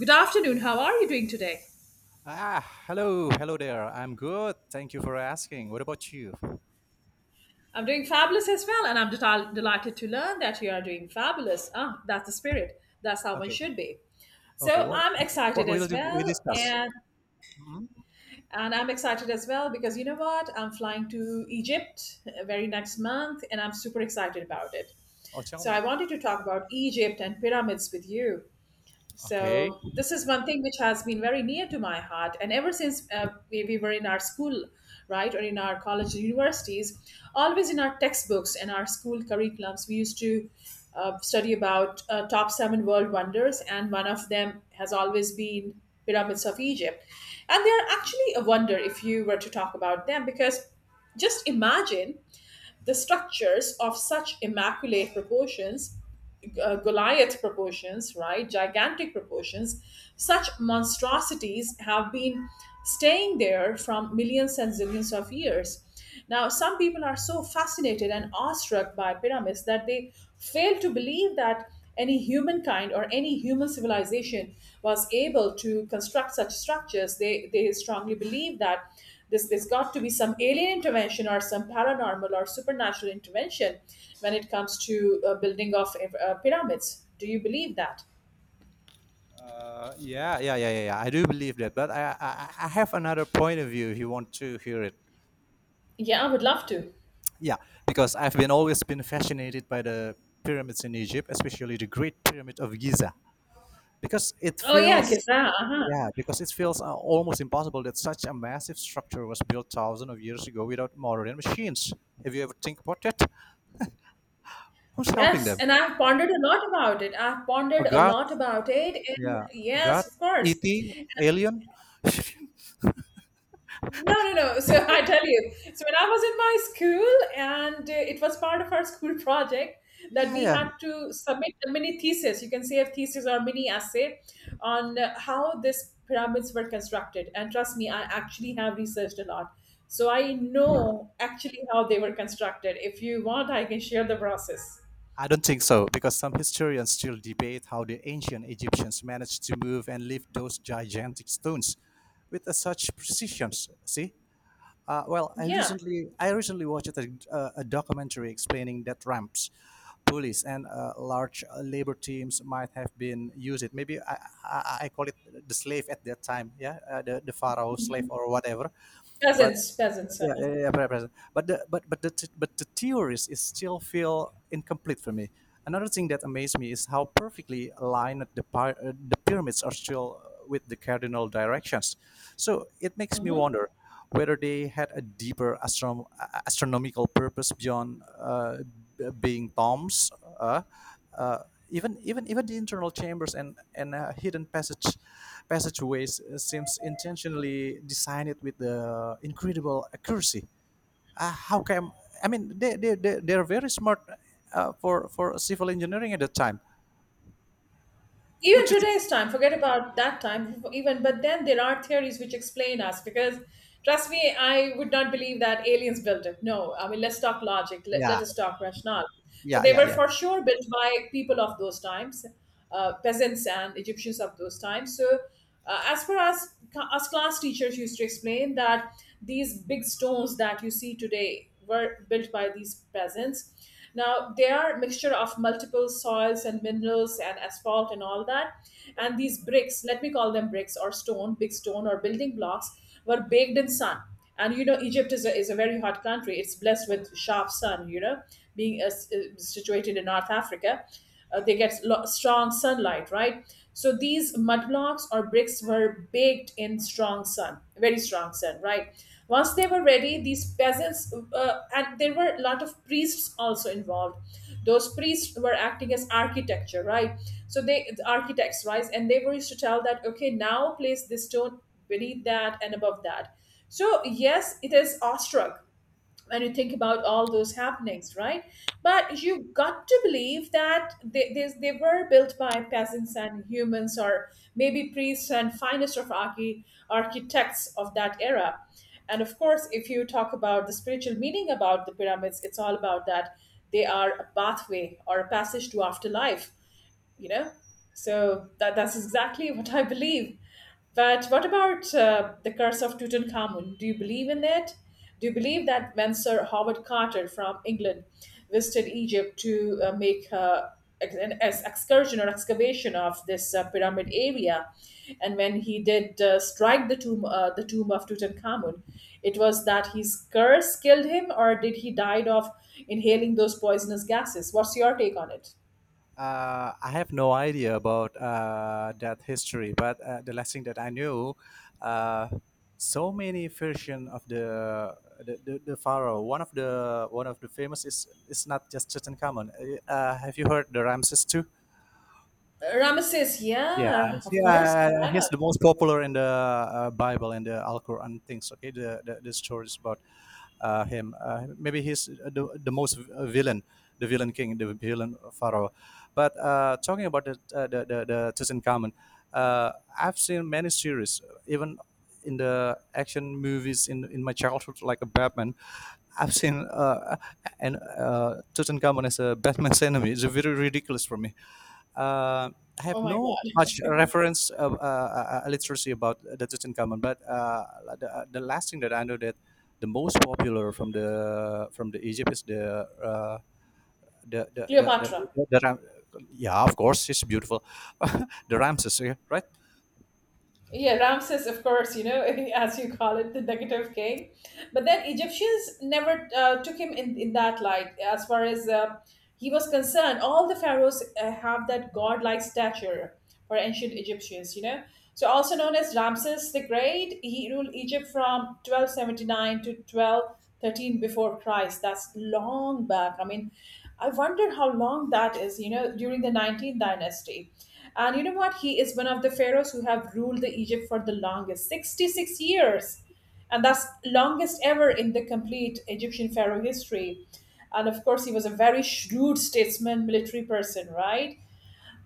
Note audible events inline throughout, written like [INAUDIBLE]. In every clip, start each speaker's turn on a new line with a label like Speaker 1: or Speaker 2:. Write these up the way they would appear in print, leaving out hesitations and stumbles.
Speaker 1: Good afternoon. How are you doing today?
Speaker 2: Ah, hello there. I'm good. Thank you for asking. What about you?
Speaker 1: I'm doing fabulous as well, and I'm delighted to learn that you are doing fabulous. Ah, that's the spirit. That's how one
Speaker 2: Okay,
Speaker 1: should be.
Speaker 2: okay.
Speaker 1: So
Speaker 2: What
Speaker 1: I'm excited
Speaker 2: what will
Speaker 1: as
Speaker 2: do- we
Speaker 1: well,
Speaker 2: discuss?
Speaker 1: and I'm excited as well because you know what? I'm flying to Egypt very next month, and I'm super excited about it.
Speaker 2: Oh, tell
Speaker 1: So I
Speaker 2: me.
Speaker 1: wanted to talk about Egypt and pyramids with you.
Speaker 2: Okay.
Speaker 1: So this is one thing which has been very near to my heart, and ever since we were in our school, right, or in our college, and universities, always in our textbooks and our school curriculums, we used to study about top seven world wonders, and one of them has always been pyramids of Egypt, and they are actually a wonder if you were to talk about them because just imagine the structures of such immaculate proportions, Goliath proportions, right? Gigantic proportions. Such monstrosities have been staying there from millions and zillions of years. Now, some people are so fascinated and awestruck by pyramids that they fail to believe that any humankind or any human civilization was able to construct such structures. They strongly believe that there's got to be some alien intervention or some paranormal or supernatural intervention when it comes to building of pyramids. Do you believe that?
Speaker 2: Yeah. I do believe that, but I have another point of view if you want to hear it.
Speaker 1: Yeah, I would love to.
Speaker 2: Yeah, because I've been always been fascinated by the pyramids in Egypt, especially the Great Pyramid of Giza, because it
Speaker 1: Oh yeah,
Speaker 2: feels
Speaker 1: Giza. Uh-huh.
Speaker 2: yeah, because it feels almost impossible that such a massive structure was built thousands of years ago without modern machines. Have you ever think about that? Who's helping
Speaker 1: Yes,
Speaker 2: them?
Speaker 1: and I've pondered a lot about it. I've
Speaker 2: A
Speaker 1: pondered a
Speaker 2: god?
Speaker 1: lot about it, and
Speaker 2: Yeah, a god?
Speaker 1: yes, of course.
Speaker 2: E.T. Alien? [LAUGHS]
Speaker 1: No, no, no. So [LAUGHS] I tell you. So when I was in my school, and it was part of our school project that
Speaker 2: yeah,
Speaker 1: we
Speaker 2: yeah.
Speaker 1: had to submit a mini thesis. You can say a thesis or mini essay on how these pyramids were constructed. And trust me, I actually have researched a lot. So I know actually how they were constructed. If you want, I can share the process.
Speaker 2: I don't think so because some historians still debate how the ancient Egyptians managed to move and lift those gigantic stones with a such precision. See, well, I
Speaker 1: Yeah,
Speaker 2: recently I recently watched a documentary explaining that ramps, pulleys, and large labor teams might have been used. Maybe I call it the slave at that time, yeah, the pharaoh slave or whatever. But
Speaker 1: peasants, peasants.
Speaker 2: present. But the th- but the theories is still feel incomplete for me. Another thing that amazed me is how perfectly aligned the pyramids are still with the cardinal directions. So it makes me
Speaker 1: Mhm.
Speaker 2: wonder whether they had a deeper astronomical purpose beyond being tombs. Uh, uh, Even the internal chambers and hidden passageways seems intentionally designed with the incredible accuracy. How can I mean they're very smart for civil engineering at the time.
Speaker 1: Even
Speaker 2: Would you think?
Speaker 1: today's time, forget about that time even, but then there are theories which explain us, because trust me, I would not believe that aliens built it. No, I mean, let's talk logic. Let
Speaker 2: Yeah,
Speaker 1: us talk rationale. So
Speaker 2: yeah,
Speaker 1: they
Speaker 2: yeah,
Speaker 1: were
Speaker 2: yeah.
Speaker 1: for sure built by people of those times, peasants and Egyptians of those times. So as per us, as class teachers used to explain, that these big stones that you see today were built by these peasants. Now they are mixture of multiple soils and minerals and asphalt and all that. And these bricks, let me call them bricks or stone, big stone or building blocks, were baked in sun. And you know, Egypt is is a very hot country. It's blessed with sharp sun. You know, being situated in North Africa, they get strong sunlight, right? So these mud blocks or bricks were baked in strong sun, very strong sun, right? Once they were ready, these peasants, and there were a lot of priests also involved, those priests were acting as architecture, right? So they the architects, right? And they were used to tell that, okay, now place this stone beneath that and above that. So yes, it is awestruck when you think about all those happenings, right? But you got to believe that they were built by peasants and humans, or maybe priests and finest of architects of that era. And of course, if you talk about the spiritual meaning about the pyramids, it's all about that they are a pathway or a passage to afterlife, you know. So that's exactly what I believe. But what about the curse of Tutankhamun? Do you believe in it? Do you believe that when Sir Howard Carter from England visited Egypt to make excursion or excavation of this pyramid area, and when he did strike the tomb, the tomb of Tutankhamun, it was that his curse killed him, or did he died of inhaling those poisonous gases? What's your take on it?
Speaker 2: I have no idea about that history, but the last thing that I knew, uh, so many version of the pharaoh. One of the famous is not just Tutankhamun. Have you heard the Ramses too?
Speaker 1: Ramesses,
Speaker 2: Yeah,
Speaker 1: yeah, of course.
Speaker 2: yeah,
Speaker 1: Why
Speaker 2: he's
Speaker 1: not?
Speaker 2: the most popular in the Bible and the Al-Quran things. Okay, the stories about him. Maybe he's the most villain, the villain king, the villain pharaoh. But talking about the the Tutankhamun, uh, I've seen many series, even in the action movies in my childhood, like a Batman. I've seen and Tutankhamun as a Batman's enemy. It's very ridiculous for me. uh, I
Speaker 1: Oh
Speaker 2: have
Speaker 1: my
Speaker 2: no
Speaker 1: God.
Speaker 2: much reference of, literacy about the Tutankhamun, but the last thing that I know that the most popular from the Egypt is the the the the, the,
Speaker 1: Cleopatra.
Speaker 2: the, the Ram- yeah, of course it's beautiful, [LAUGHS] the Ramses, yeah, right.
Speaker 1: Yeah, Ramses, of course, you know, [LAUGHS] as you call it, the negative king. But then Egyptians never took him in that light. As far as he was concerned, all the pharaohs have that godlike stature for ancient Egyptians, you know. So, also known as Ramses the Great, he ruled Egypt from 1279 to 1213 before Christ. That's long back. I mean, I wonder how long that is, you know, during the 19th dynasty. And you know what? He is one of the pharaohs who have ruled the Egypt for the longest, 66 years. And that's longest ever in the complete Egyptian pharaoh history. And of course, he was a very shrewd statesman, military person, right?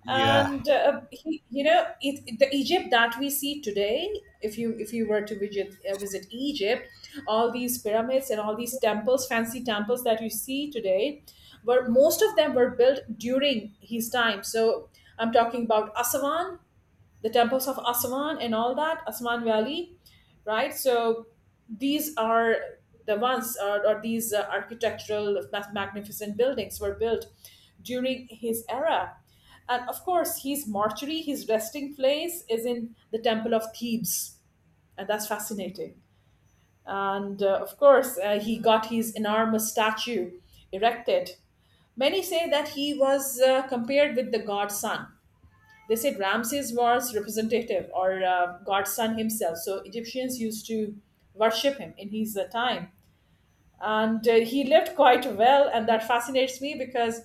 Speaker 2: yeah
Speaker 1: And he, you know it, the Egypt that we see today, if you were to visit Egypt, all these pyramids and all these temples, fancy temples that you see today, were most of them were built during his time. So I'm talking about Aswan, the temples of Aswan and all that, Aswan Valley, right? So these are the ones, or these magnificent buildings were built during his era. And of course, his mortuary, his resting place, is in the Temple of Thebes. And that's fascinating. And of course, he got his enormous statue erected. Many say that he was compared with the god Sun. They said Ramses was representative or godson himself. So Egyptians used to worship him in his time. And he lived quite well, and that fascinates me because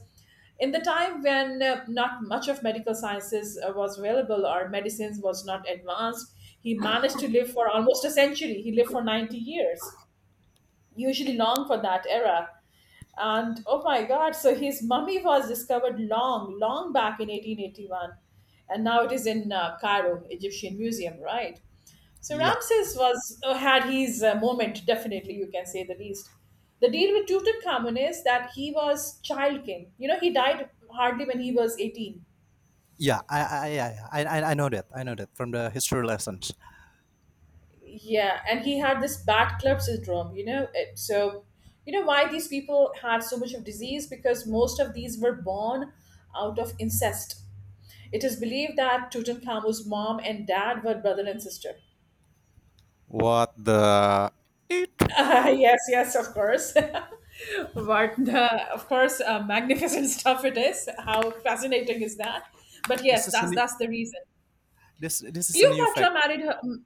Speaker 1: in the time when not much of medical sciences was available or medicines was not advanced, he managed to live for almost a century. He lived for 90 years, usually long for that era. And oh my God, so his mummy was discovered long, long back in 1881. And now it is in Cairo, Egyptian Museum, right? So
Speaker 2: yeah
Speaker 1: Ramses was had his moment, definitely, you can say the least. The deal with Tutankhamun is that he was child king. You know, he died hardly when he was 18.
Speaker 2: yeah, I know that. I know that from the history lessons.
Speaker 1: Yeah, and he had this bad club syndrome, you know. It, so, you know why these people had so much of disease? Because most of these were born out of incest. It is believed that Tutankhamun's mom and dad were brother and sister.
Speaker 2: What the... it...
Speaker 1: [LAUGHS] Yes, yes, of course. [LAUGHS] But of course, magnificent [LAUGHS] stuff it is. How fascinating is that? But yes,
Speaker 2: this is a new,
Speaker 1: that's the reason.
Speaker 2: this this is a new
Speaker 1: Cleopatra
Speaker 2: fact.
Speaker 1: married her.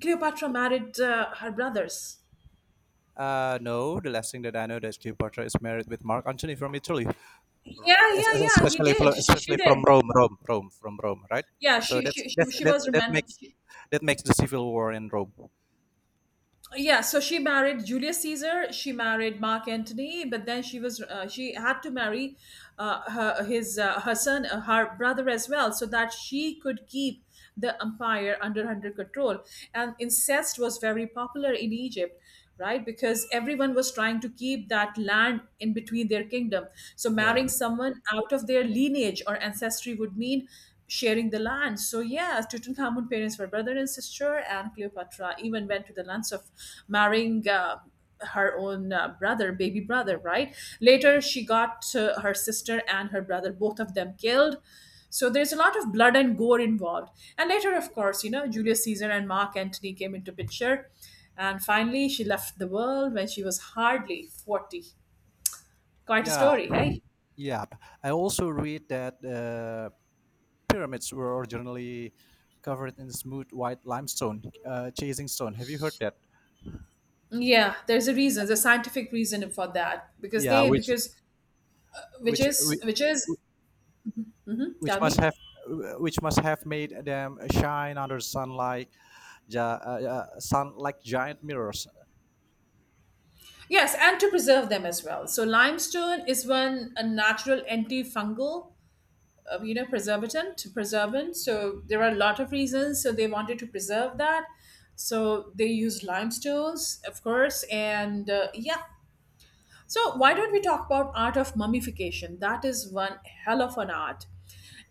Speaker 1: Cleopatra married her brothers.
Speaker 2: No, the last thing that I know that Steve Porter is married with Mark Antony from Italy,
Speaker 1: Yeah, yeah, yeah. He did. She
Speaker 2: especially from
Speaker 1: did.
Speaker 2: Rome, right?
Speaker 1: Yeah,
Speaker 2: So that's that's
Speaker 1: she
Speaker 2: that
Speaker 1: was
Speaker 2: that makes
Speaker 1: romantic.
Speaker 2: that makes the civil war in Rome.
Speaker 1: Yeah, so she married Julius Caesar, she married Mark Antony, but then she was, she had to marry her his her son her brother as well, so that she could keep the empire under control. And incest was very popular in Egypt, right? Because everyone was trying to keep that land in between their kingdom. So
Speaker 2: Yeah,
Speaker 1: marrying someone out of their lineage or ancestry would mean sharing the land. So yeah, Tutankhamun parents were brother and sister, and Cleopatra even went to the lengths of marrying her own brother, baby brother, right? Later she got her sister and her brother, both of them killed. So there's a lot of blood and gore involved. And later, of course, you know, Julius Caesar and Mark Antony came into picture. And finally, she left the world when she was hardly 40. Quite a
Speaker 2: yeah,
Speaker 1: story, eh?
Speaker 2: yeah. I also read that pyramids were originally covered in smooth white limestone, chasing stone. Have you heard that?
Speaker 1: Yeah, there's a reason, there's a scientific reason for that, because
Speaker 2: Yeah,
Speaker 1: they because
Speaker 2: which which,
Speaker 1: which is,
Speaker 2: which
Speaker 1: tell
Speaker 2: must
Speaker 1: me.
Speaker 2: have... which must have made them shine under sunlight, sun like giant mirrors.
Speaker 1: Yes, and to preserve them as well. So limestone is one a natural antifungal, you know, preservant. So there are a lot of reasons. So they wanted to preserve that. So they used limestones, of course, and yeah. So, why don't we talk about art of mummification? That is one hell of an art.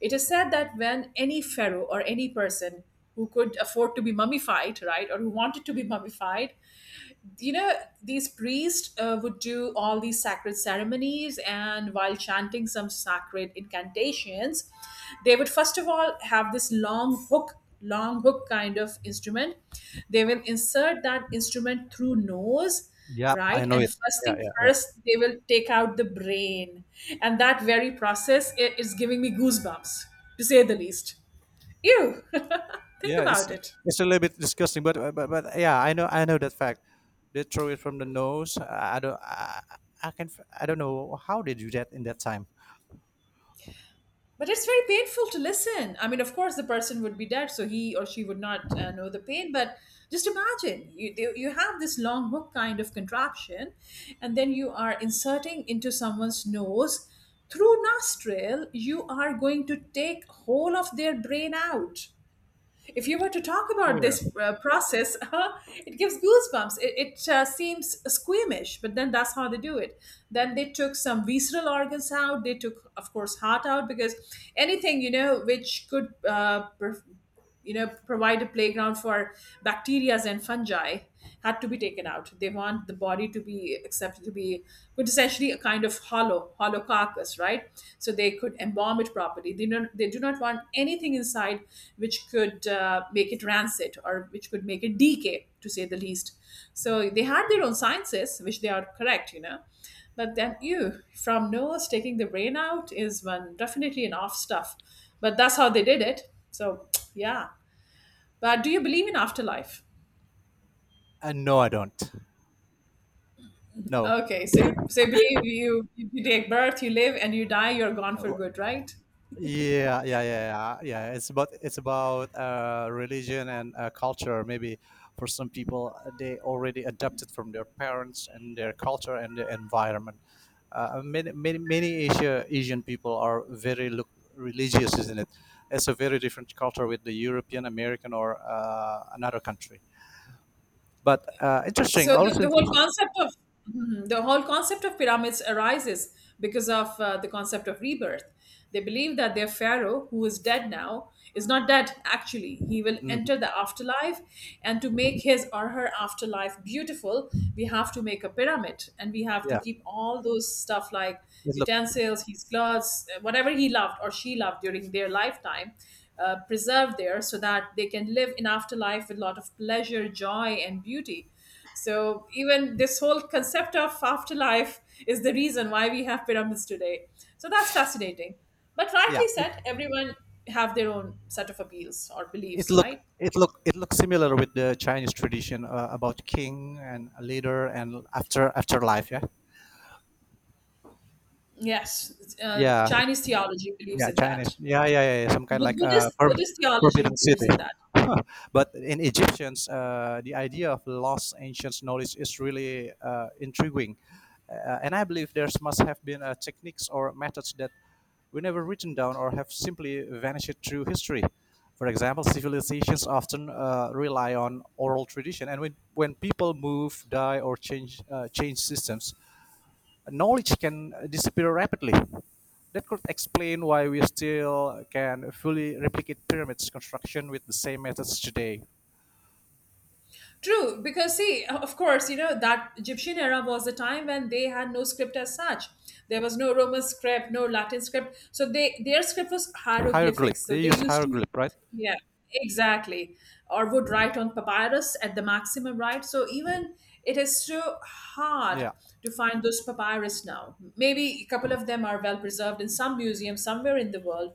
Speaker 1: It is said that when any pharaoh or any person who could afford to be mummified, right, or who wanted to be mummified, you know, these priests would do all these sacred ceremonies, and while chanting some sacred incantations, they would first of all have this long hook, long hook kind of instrument. They will insert that instrument through nose,
Speaker 2: Yep, I
Speaker 1: right?
Speaker 2: know
Speaker 1: And
Speaker 2: it.
Speaker 1: first
Speaker 2: yeah
Speaker 1: thing
Speaker 2: yeah yeah
Speaker 1: first, they will take out the brain. And that very process is giving me goosebumps, to say the least. Ew, [LAUGHS] think
Speaker 2: yeah it's
Speaker 1: about it.
Speaker 2: a little bit disgusting, but but yeah, I know, I know that fact. They throw it from the nose. I can f- I don't know how they do that in that time.
Speaker 1: But it's very painful to listen. I mean, of course, the person would be dead, so he or she would not know the pain. But just imagine you have this long hook kind of contraption, and then you are inserting into someone's nose through nostril. You are going to take whole of their brain out. If you were to talk about
Speaker 2: Yeah.
Speaker 1: this process, [LAUGHS] it gives goosebumps. It seems squeamish, but then that's how they do it. Then they took some visceral organs out. They took, of course, heart out because anything you know which could you know provide a playground for bacteria and fungi had to be taken out. They want the body to be accepted, to be but essentially a kind of hollow carcass, right? So they could embalm it properly. They don't they do not want anything inside which could make it rancid or which could make it decay, to say the least. So they had their own sciences which they are correct, you know, but then, ew, from nose taking the brain out is one definitely an off stuff. But that's how they did it. So yeah. But do you believe in afterlife?
Speaker 2: Uh, no, I don't. No.
Speaker 1: Okay, so so you believe you take birth, you live, and you die. You're gone for
Speaker 2: Uh,
Speaker 1: good, right?
Speaker 2: yeah. It's about religion and culture. Maybe for some people, they already adapted from their parents and their culture and their environment. Many Asian people are very look religious, isn't it? It's a very different culture with the European, American, or another country. But interesting.
Speaker 1: So the
Speaker 2: Also,
Speaker 1: whole concept of. Mhm. The whole concept of pyramids arises because of the concept of rebirth. They believe that their pharaoh, who is dead now, is not dead actually. He will
Speaker 2: mhm.
Speaker 1: enter the afterlife, and to make his or her afterlife beautiful, we have to make a pyramid, and we have to
Speaker 2: yeah,
Speaker 1: keep all those stuff like
Speaker 2: it look,
Speaker 1: utensils, his clothes, whatever he loved or she loved during their lifetime, preserved there so that they can live in afterlife with a lot of pleasure, joy, and beauty. So even this whole concept of afterlife is the reason why we have pyramids today. So that's fascinating. But
Speaker 2: yeah,
Speaker 1: rightly said, everyone have their own set of appeals or
Speaker 2: it
Speaker 1: beliefs,
Speaker 2: look
Speaker 1: right?
Speaker 2: it look it looks similar with the Chinese tradition about king and a leader and after afterlife. Yeah.
Speaker 1: Yes,
Speaker 2: Yeah.
Speaker 1: Chinese theology believes
Speaker 2: Yeah,
Speaker 1: in that.
Speaker 2: Chinese. Yeah. Some kind
Speaker 1: But
Speaker 2: like
Speaker 1: Buddhist Buddhist theology
Speaker 2: Forbidden
Speaker 1: believes
Speaker 2: City.
Speaker 1: in that.
Speaker 2: [LAUGHS] But in Egyptians, the idea of lost ancient knowledge is really intriguing, and I believe there's must have been techniques or methods that were never written down or have simply vanished through history. For example, civilizations often rely on oral tradition, and when people move, die, or change systems, knowledge can disappear rapidly. That could explain why we still can fully replicate pyramids construction with the same methods today.
Speaker 1: True, because see, of course, you know, that Egyptian era was a time when they had no script as such. There was no Roman script, no Latin script. So they their script was
Speaker 2: Hieroglyph.
Speaker 1: hieroglyphics. So
Speaker 2: They
Speaker 1: they
Speaker 2: use
Speaker 1: used to
Speaker 2: hieroglyph, right?
Speaker 1: yeah, exactly. Or would write on papyrus at the maximum, right? So even it is so hard
Speaker 2: Yeah.
Speaker 1: to find those papyrus now. Maybe a couple of them are well preserved in some museum somewhere in the world,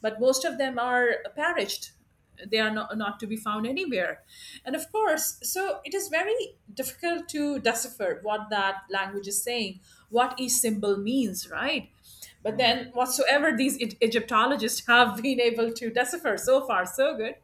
Speaker 1: but most of them are perished. They are not to be found anywhere. And of course, so it is very difficult to decipher what that language is saying, what each symbol means, right? But
Speaker 2: Mm.
Speaker 1: then whatsoever these egyptologists [LAUGHS] have been able to decipher, so far so good.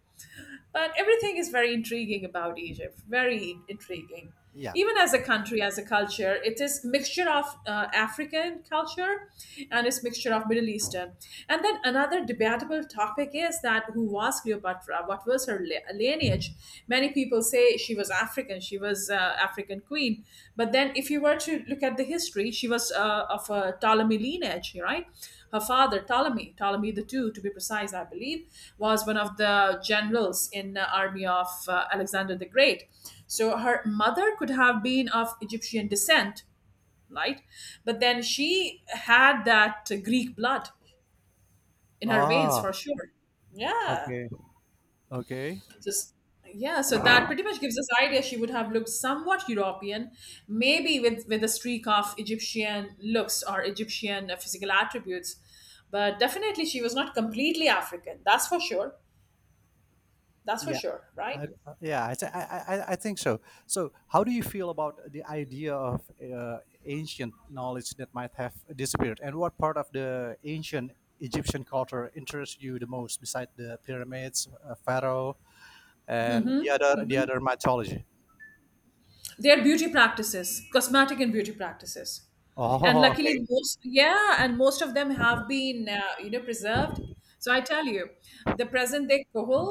Speaker 1: But everything is very intriguing about Egypt, very intriguing.
Speaker 2: Yeah.
Speaker 1: Even as a country, as a culture, it is mixture of African culture and it's mixture of Middle Eastern. And then another debatable topic is that who was Cleopatra? What was her lineage? Many people say she was African queen. But then if you were to look at the history, she was of a Ptolemy lineage, right? Her father, Ptolemy, Ptolemy the Two, to be precise, I believe, was one of the generals in the army of Alexander the Great. So her mother could have been of Egyptian descent, right? But then she had that Greek blood in her veins
Speaker 2: Ah.
Speaker 1: for sure. Yeah.
Speaker 2: Okay. Okay.
Speaker 1: Just yeah, so that pretty much gives us idea she would have looked somewhat European, maybe with a streak of Egyptian looks or Egyptian physical attributes, but definitely she was not completely African. That's for sure. That's for
Speaker 2: Yeah.
Speaker 1: sure, right?
Speaker 2: I, yeah, I think so. So, how do you feel about the idea of uh, ancient knowledge that might have disappeared, and what part of the ancient Egyptian culture interests you the most, beside the pyramids, pharaoh, and the other mythology?
Speaker 1: Their beauty practices, cosmetic and beauty practices. And
Speaker 2: Oh,
Speaker 1: luckily
Speaker 2: okay.
Speaker 1: most yeah, and most of them have been you know preserved, so I tell you, the present day kohol,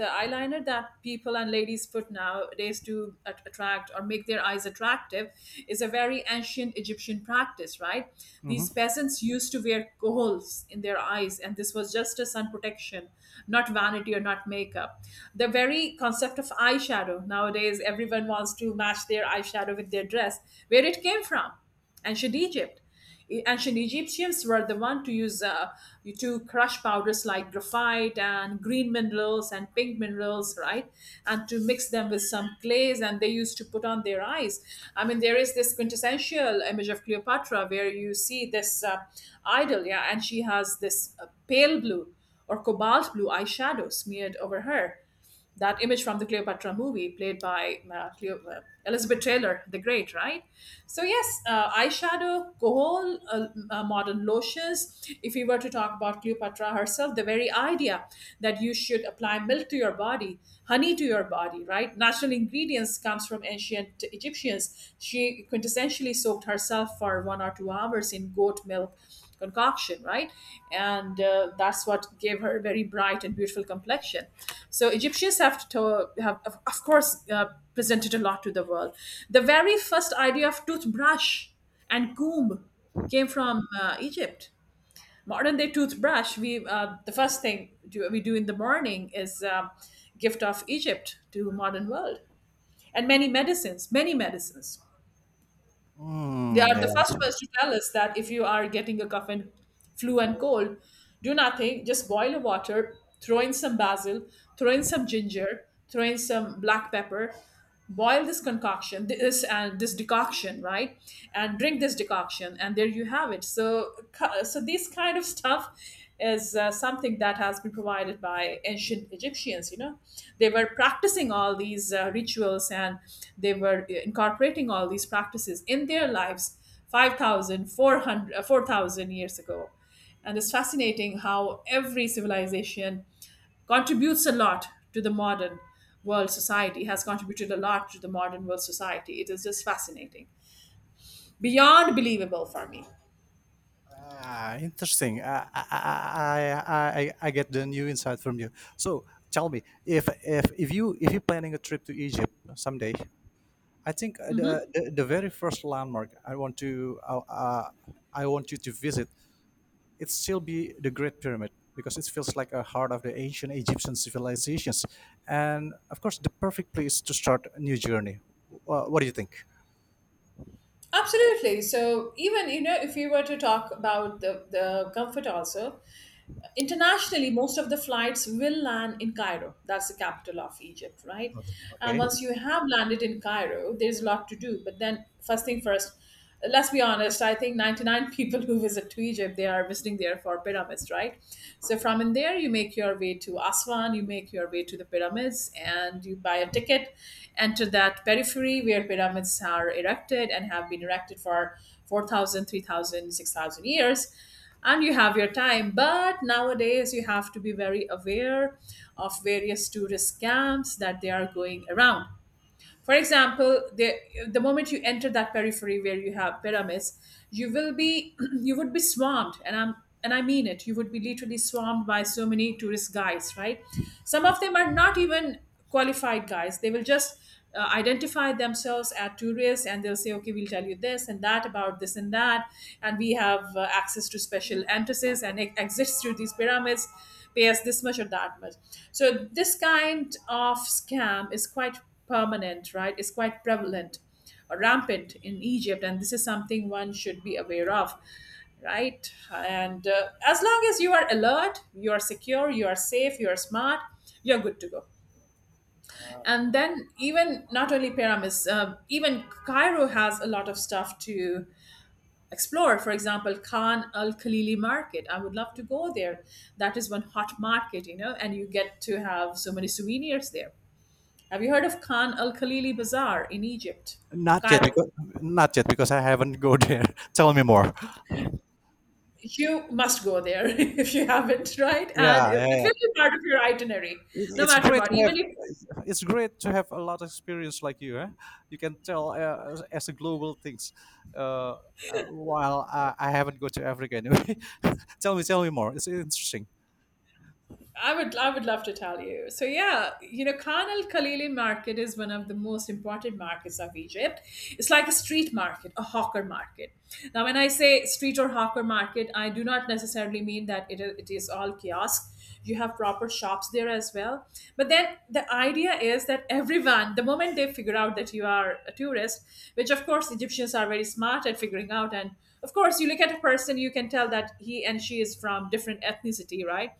Speaker 1: the eyeliner that people and ladies put nowadays to attract or make their eyes attractive is a very ancient Egyptian practice, right?
Speaker 2: Hmm.
Speaker 1: These peasants used to wear kohols in their eyes, and this was just a sun protection, not vanity or not makeup. The very concept of eyeshadow nowadays, everyone wants to match their eyeshadow with their dress. Where it came from? Ancient Egypt. Ancient Egyptians were the one to use to crush powders like graphite and green minerals and pink minerals, right? And to mix them with some clays, and they used to put on their eyes. I mean, there is this quintessential image of Cleopatra where you see this idol, yeah, and she has this pale blue or cobalt blue eyeshadow smeared over her, that image from the Cleopatra movie, played by Cleo, Elizabeth Taylor, the Great, right? So yes, eyeshadow, kohol, modern lotions. If we were to talk about Cleopatra herself, the very idea that you should apply milk to your body, honey to your body, right? Natural ingredients comes from ancient Egyptians. She quintessentially soaked herself for 1 or 2 hours in goat milk concoction, right? And that's what gave her a very bright and beautiful complexion. So Egyptians have to have, of course, presented a lot to the world. The very first idea of toothbrush and comb came from Egypt. Modern day toothbrush, we the first thing we do in the morning is gift of Egypt to modern world, and many medicines, many medicines. They
Speaker 2: Mm,
Speaker 1: are the
Speaker 2: yeah.
Speaker 1: first ones to tell us that if you are getting a cough and flu and cold, do nothing. Just boil the water, throw in some basil, throw in some ginger, throw in some black pepper, boil this concoction, this decoction, right? And drink this decoction, and there you have it. So, this kind of stuff is something that has been provided by ancient Egyptians. You know, they were practicing all these rituals and they were incorporating all these practices in their lives 5,000, 4,000 years ago. And it's fascinating how every civilization contributes a lot to the modern world society, has contributed a lot to the modern world society. It is just fascinating, beyond believable for me.
Speaker 2: Ah, interesting. I get the new insight from you. So tell me, if you if you're planning a trip to Egypt someday, I think the very first landmark I want you to visit, it still be the Great Pyramid because it feels like a heart of the ancient Egyptian civilizations, and of course the perfect place to start a new journey. What do you think?
Speaker 1: Absolutely. So even you know, if we were to talk about the comfort also, internationally most of the flights will land in Cairo. That's the capital of Egypt, right? And
Speaker 2: Okay.
Speaker 1: once you have landed in Cairo, there's a lot to do, but then first thing first, let's be honest, I think 99 [LAUGHS] people who visit to Egypt, they are visiting there for pyramids, right? So from in there you make your way to Aswan, you make your way to the pyramids, and you buy a ticket, enter that periphery where pyramids are erected and have been erected for 4,000 3,000 6,000 years, and you have your time. But nowadays, you have to be very aware of various tourist scams that they are going around. For example, the moment you enter that periphery where you have pyramids, you will be [CLEARS THROAT] you would be swarmed, and I mean it. You would be literally swarmed by so many tourist guides, right? Some of them are not even qualified guys. They will just identify themselves as tourists and they'll say, okay, we'll tell you this and that about this and that. And we have access to special entrances and exits through these pyramids, pay us this much or that much. So, this kind of scam is quite permanent, right, is quite prevalent, or rampant in Egypt, and this is something one should be aware of, right? And as long as you are alert, you are secure, you are safe, you are smart, you're good to go. And then even not only pyramids, even Cairo has a lot of stuff to explore. For example, Khan Al Khalili Market. I would love to go there. That is one hot market, you know, and you get to have so many souvenirs there. Have you heard of Khan Al Khalili Bazaar in Egypt,
Speaker 2: Not yet
Speaker 1: Cairo?
Speaker 2: because Not yet because I haven't go there. [LAUGHS] Tell me more.
Speaker 1: You must go there [LAUGHS] if you haven't, right?
Speaker 2: Yeah,
Speaker 1: And
Speaker 2: yeah,
Speaker 1: it
Speaker 2: yeah.
Speaker 1: will be part of your itinerary, no
Speaker 2: It's
Speaker 1: matter
Speaker 2: great
Speaker 1: what.
Speaker 2: to have.
Speaker 1: Even if
Speaker 2: It's great to have a lot of experience like you. Eh? You can tell as a global things. Uh, while I haven't go to Africa anyway. [LAUGHS] Tell me more. It's interesting.
Speaker 1: I would I would love to tell you. So yeah, you know, Khan al Khalili market is one of the most important markets of Egypt. It's like a street market, a hawker market. Now, when I say street or hawker market, I do not necessarily mean that it is all kiosks. You have proper shops there as well. But then the idea is that everyone, the moment they figure out that you are a tourist, which of course Egyptians are very smart at figuring out, and of course you look at a person, you can tell that he and she is from different ethnicity, right?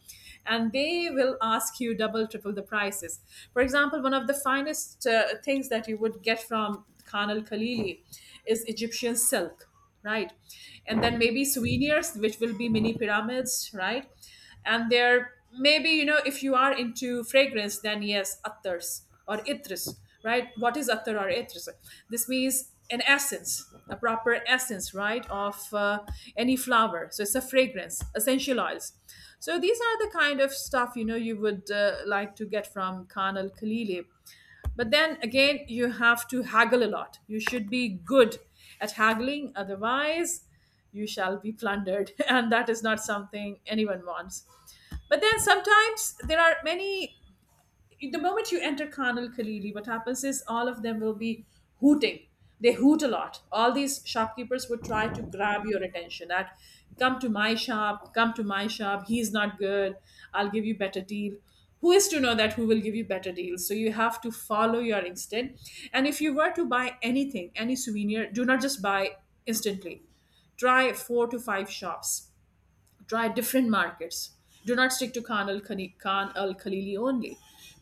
Speaker 1: And they will ask you double, triple the prices. For example, one of the finest things that you would get from Khan al Khalili is Egyptian silk, right? And then maybe souvenirs, which will be mini pyramids, right? And there maybe if you are into fragrance, then yes, attars or itris, right? What is attar or etres? This means an essence, a proper essence, right, of any flower. So it's a fragrance, essential oils. So these are the kind of stuff you would like to get from Khan al Khalili. But then again, you have to haggle a lot. You should be good at haggling, otherwise, you shall be plundered, [LAUGHS] and that is not something anyone wants. But then sometimes there are many, the moment you enter Khan al Khalili, what happens is all of them will be hooting. They hoot a lot. All these shopkeepers would try to grab your attention that come to my shop, come to my shop, he's not good, I'll give you better deal. Who is to know that who will give you better deals? So you have to follow your instinct. And if you were to buy anything, any souvenir, do not just buy instantly. Try four to five shops, try different markets, do not stick to Khan al Khalili only,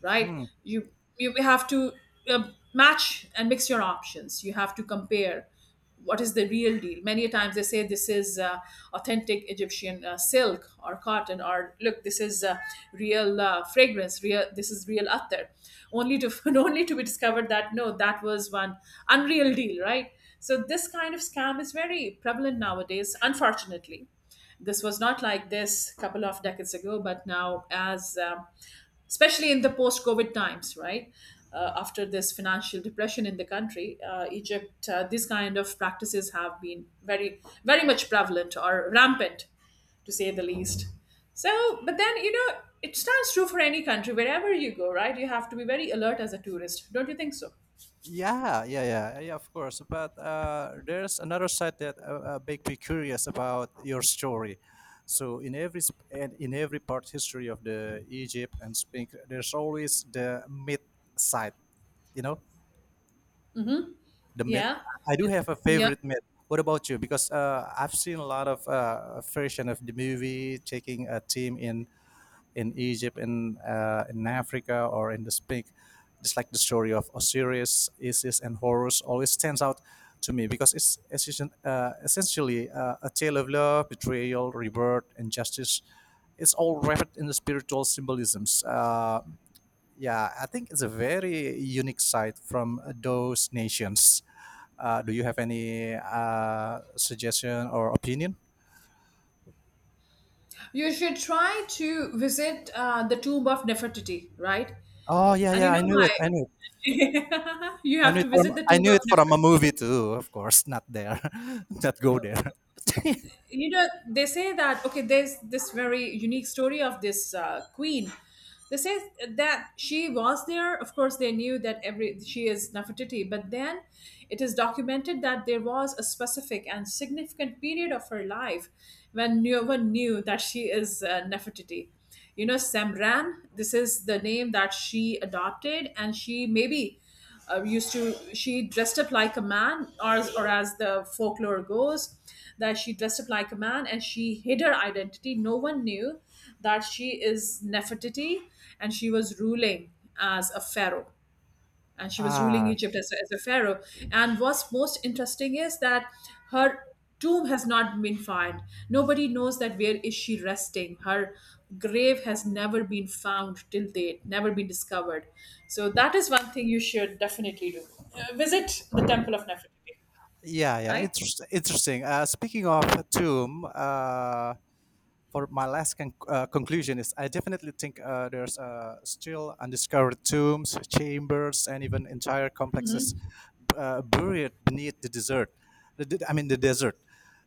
Speaker 1: right?
Speaker 2: Hmm.
Speaker 1: You you have to uh, match and mix your options. You have to compare what is the real deal. Many a times they say this is authentic Egyptian silk or cotton, or look, this is real fragrance, real, this is real attar, only to [LAUGHS] only to be discovered that no, that was one unreal deal, right? So this kind of scam is very prevalent nowadays, unfortunately. This was not like this a couple of decades ago, but now, as especially in the post COVID times, right? After this financial depression in the country, Egypt, these kind of practices have been very, very much prevalent or rampant, to say the least. So, but then, you know, it stands true for any country, wherever you go, right? You have to be very alert as a tourist. Don't you think so?
Speaker 2: Yeah, of course. But there's another side that make me curious about your story. So in every sp- and in every part history of the Egypt and Spain, there's always the myth side, you know.
Speaker 1: Hmm.
Speaker 2: The myth.
Speaker 1: Yeah.
Speaker 2: I do have a
Speaker 1: Yeah.
Speaker 2: favorite myth. What about you? Because I've seen a lot of version of the movie taking a team in Egypt in Africa or in the Spink. Just like the story of Osiris, Isis, and Horus always stands out to me because it's essentially a tale of love, betrayal, rebirth, and justice. It's all wrapped in the spiritual symbolisms. Yeah, I think it's a very unique sight from those nations. Do you have any suggestion or opinion?
Speaker 1: You should try to visit the tomb of Nefertiti, right?
Speaker 2: Oh yeah,
Speaker 1: And you
Speaker 2: yeah, I
Speaker 1: know
Speaker 2: knew it.
Speaker 1: why? [LAUGHS] You
Speaker 2: I
Speaker 1: have
Speaker 2: knew
Speaker 1: to
Speaker 2: it from...
Speaker 1: visit the
Speaker 2: I
Speaker 1: tomb
Speaker 2: knew
Speaker 1: of
Speaker 2: it from a
Speaker 1: Nefer.
Speaker 2: movie too, of course. Not there. [LAUGHS] Not go there. [LAUGHS]
Speaker 1: You know, they say that, okay, there's this very unique story of this queen. They say that she was there. Of course, they knew that every she is Nefertiti, but then it is documented that there was a specific and significant period of her life when no one knew that she is Nefertiti, you know, Semran. This is the name that she adopted, and she maybe used to she dressed up like a man, or as the folklore goes that she dressed up like a man and she hid her identity. No one knew that she is Nefertiti, and she was ruling as a pharaoh, and she was ruling
Speaker 2: Ah.
Speaker 1: Egypt as a pharaoh. And what's most interesting is that her tomb has not been found. Nobody knows that where is she resting. Her grave has never been found till date, never been discovered. So that is one thing you should definitely do. Visit the temple of Nefertiti,
Speaker 2: Yeah, yeah,
Speaker 1: right?
Speaker 2: it's interesting. Speaking of Tomb, for my last conclusion is I definitely think there's still undiscovered tombs, chambers, and even entire complexes buried beneath the desert. I mean, the desert.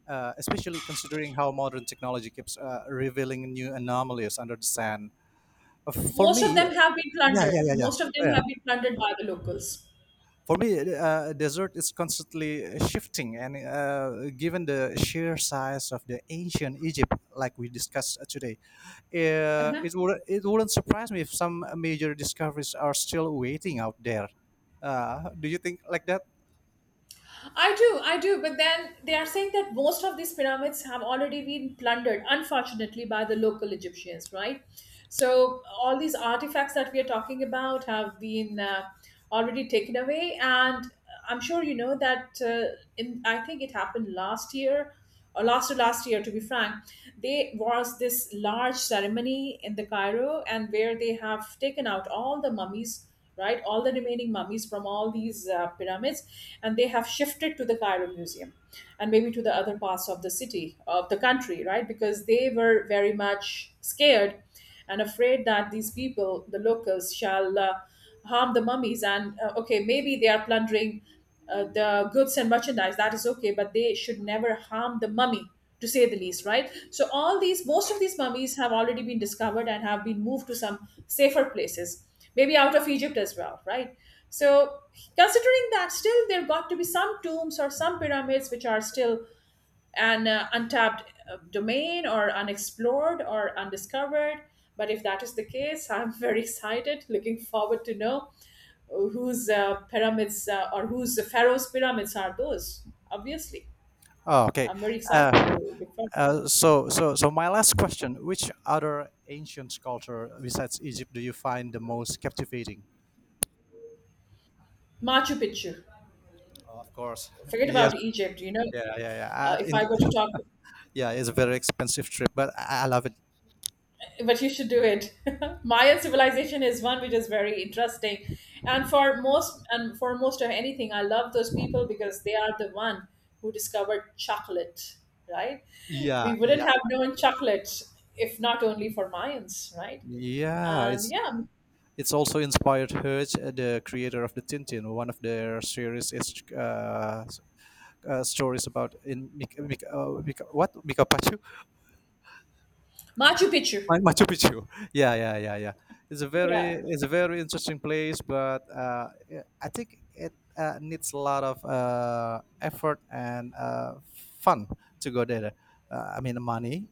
Speaker 2: Especially considering how modern technology keeps revealing new anomalies under the sand. Uh, For
Speaker 1: Most of
Speaker 2: me,
Speaker 1: them have been
Speaker 2: yeah,
Speaker 1: plundered.
Speaker 2: yeah, yeah,
Speaker 1: Most of them
Speaker 2: yeah.
Speaker 1: have been plundered by the locals.
Speaker 2: For me, dessert is constantly shifting, and given the sheer size of the ancient Egypt, like we discussed today,
Speaker 1: Uh-huh.
Speaker 2: it wouldn't surprise me if some major discoveries are still waiting out there. Do you think like that?
Speaker 1: I do, I do. But then they are saying that most of these pyramids have already been plundered, unfortunately, by the local Egyptians, right? So all these artifacts that we are talking about have been already taken away, and I'm sure you know that. In I think it happened last year, or last to last year, to be frank, there was this large ceremony in the Cairo, and where they have taken out all the mummies, right? All the remaining mummies from all these pyramids, and they have shifted to the Cairo Museum and maybe to the other parts of the city, of the country, right? Because they were very much scared and afraid that these people, the locals, shall harm the mummies. And okay, maybe they are plundering the goods and merchandise, that is okay, but they should never harm the mummy, to say the least, right? So all these, most of these mummies have already been discovered and have been moved to some safer places, maybe out of Egypt as well, right? So considering that, still there got to be some tombs or some pyramids which are still an untapped domain, or unexplored or undiscovered. But if that is the case, [LAUGHS] I'm very excited, looking forward to know whose pyramids or whose pharaoh's pyramids are those. Obviously,
Speaker 2: Oh, okay.
Speaker 1: I'm very excited
Speaker 2: Uh,
Speaker 1: to look forward.
Speaker 2: so, my last question: which other ancient culture besides Egypt do you find the most captivating?
Speaker 1: Machu Picchu.
Speaker 2: Of course.
Speaker 1: Forget
Speaker 2: Yes.
Speaker 1: about Egypt. You know,
Speaker 2: Yeah.
Speaker 1: if I
Speaker 2: In
Speaker 1: were to talk,
Speaker 2: Yeah, it's a very expensive trip, but I love it.
Speaker 1: but you should do it. [LAUGHS] Mayan civilization is one which is very interesting, and for most of anything, I love those people because they are the one who discovered chocolate. Right? We
Speaker 2: Yeah,
Speaker 1: wouldn't
Speaker 2: yeah,
Speaker 1: have known chocolate if not only for Mayans, right?
Speaker 2: yeah.
Speaker 1: And yeah,
Speaker 2: It's also inspired Herj, the creator of the Tintin. One of their series is stories about in Mika Pachu.
Speaker 1: Machu Picchu.
Speaker 2: Machu Picchu. [LAUGHS] Yeah. It's a
Speaker 1: Yeah,
Speaker 2: very it's a very interesting place, but yeah, I think it needs a lot of effort and fun to go there. I mean, money.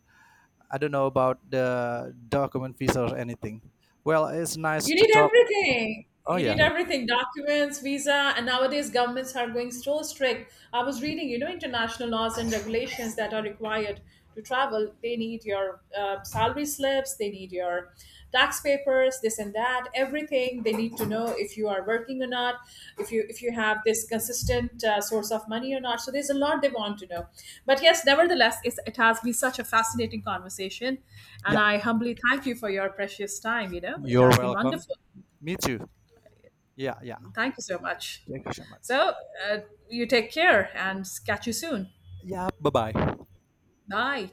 Speaker 2: I don't know about the document visa or anything. Well, it's nice
Speaker 1: you
Speaker 2: to
Speaker 1: need
Speaker 2: talk.
Speaker 1: everything.
Speaker 2: Oh
Speaker 1: You need
Speaker 2: yeah.
Speaker 1: everything, documents, visa, and nowadays governments are going so strict. I was reading, you know, international laws and regulations that are required to travel. They need your salary slips, they need your tax papers, this and that, everything they need to know if you are working or not, if you have this consistent source of money or not. So there's a lot they want to know, but yes, nevertheless, it has been such a fascinating conversation, and
Speaker 2: Yeah.
Speaker 1: I humbly thank you for your precious time. You know, it
Speaker 2: You're
Speaker 1: has been
Speaker 2: welcome.
Speaker 1: wonderful.
Speaker 2: Me too. Yeah.
Speaker 1: Thank you so much.
Speaker 2: Thank you so much.
Speaker 1: So uh, you take care and catch you soon.
Speaker 2: Yeah, bye-bye.
Speaker 1: Bye.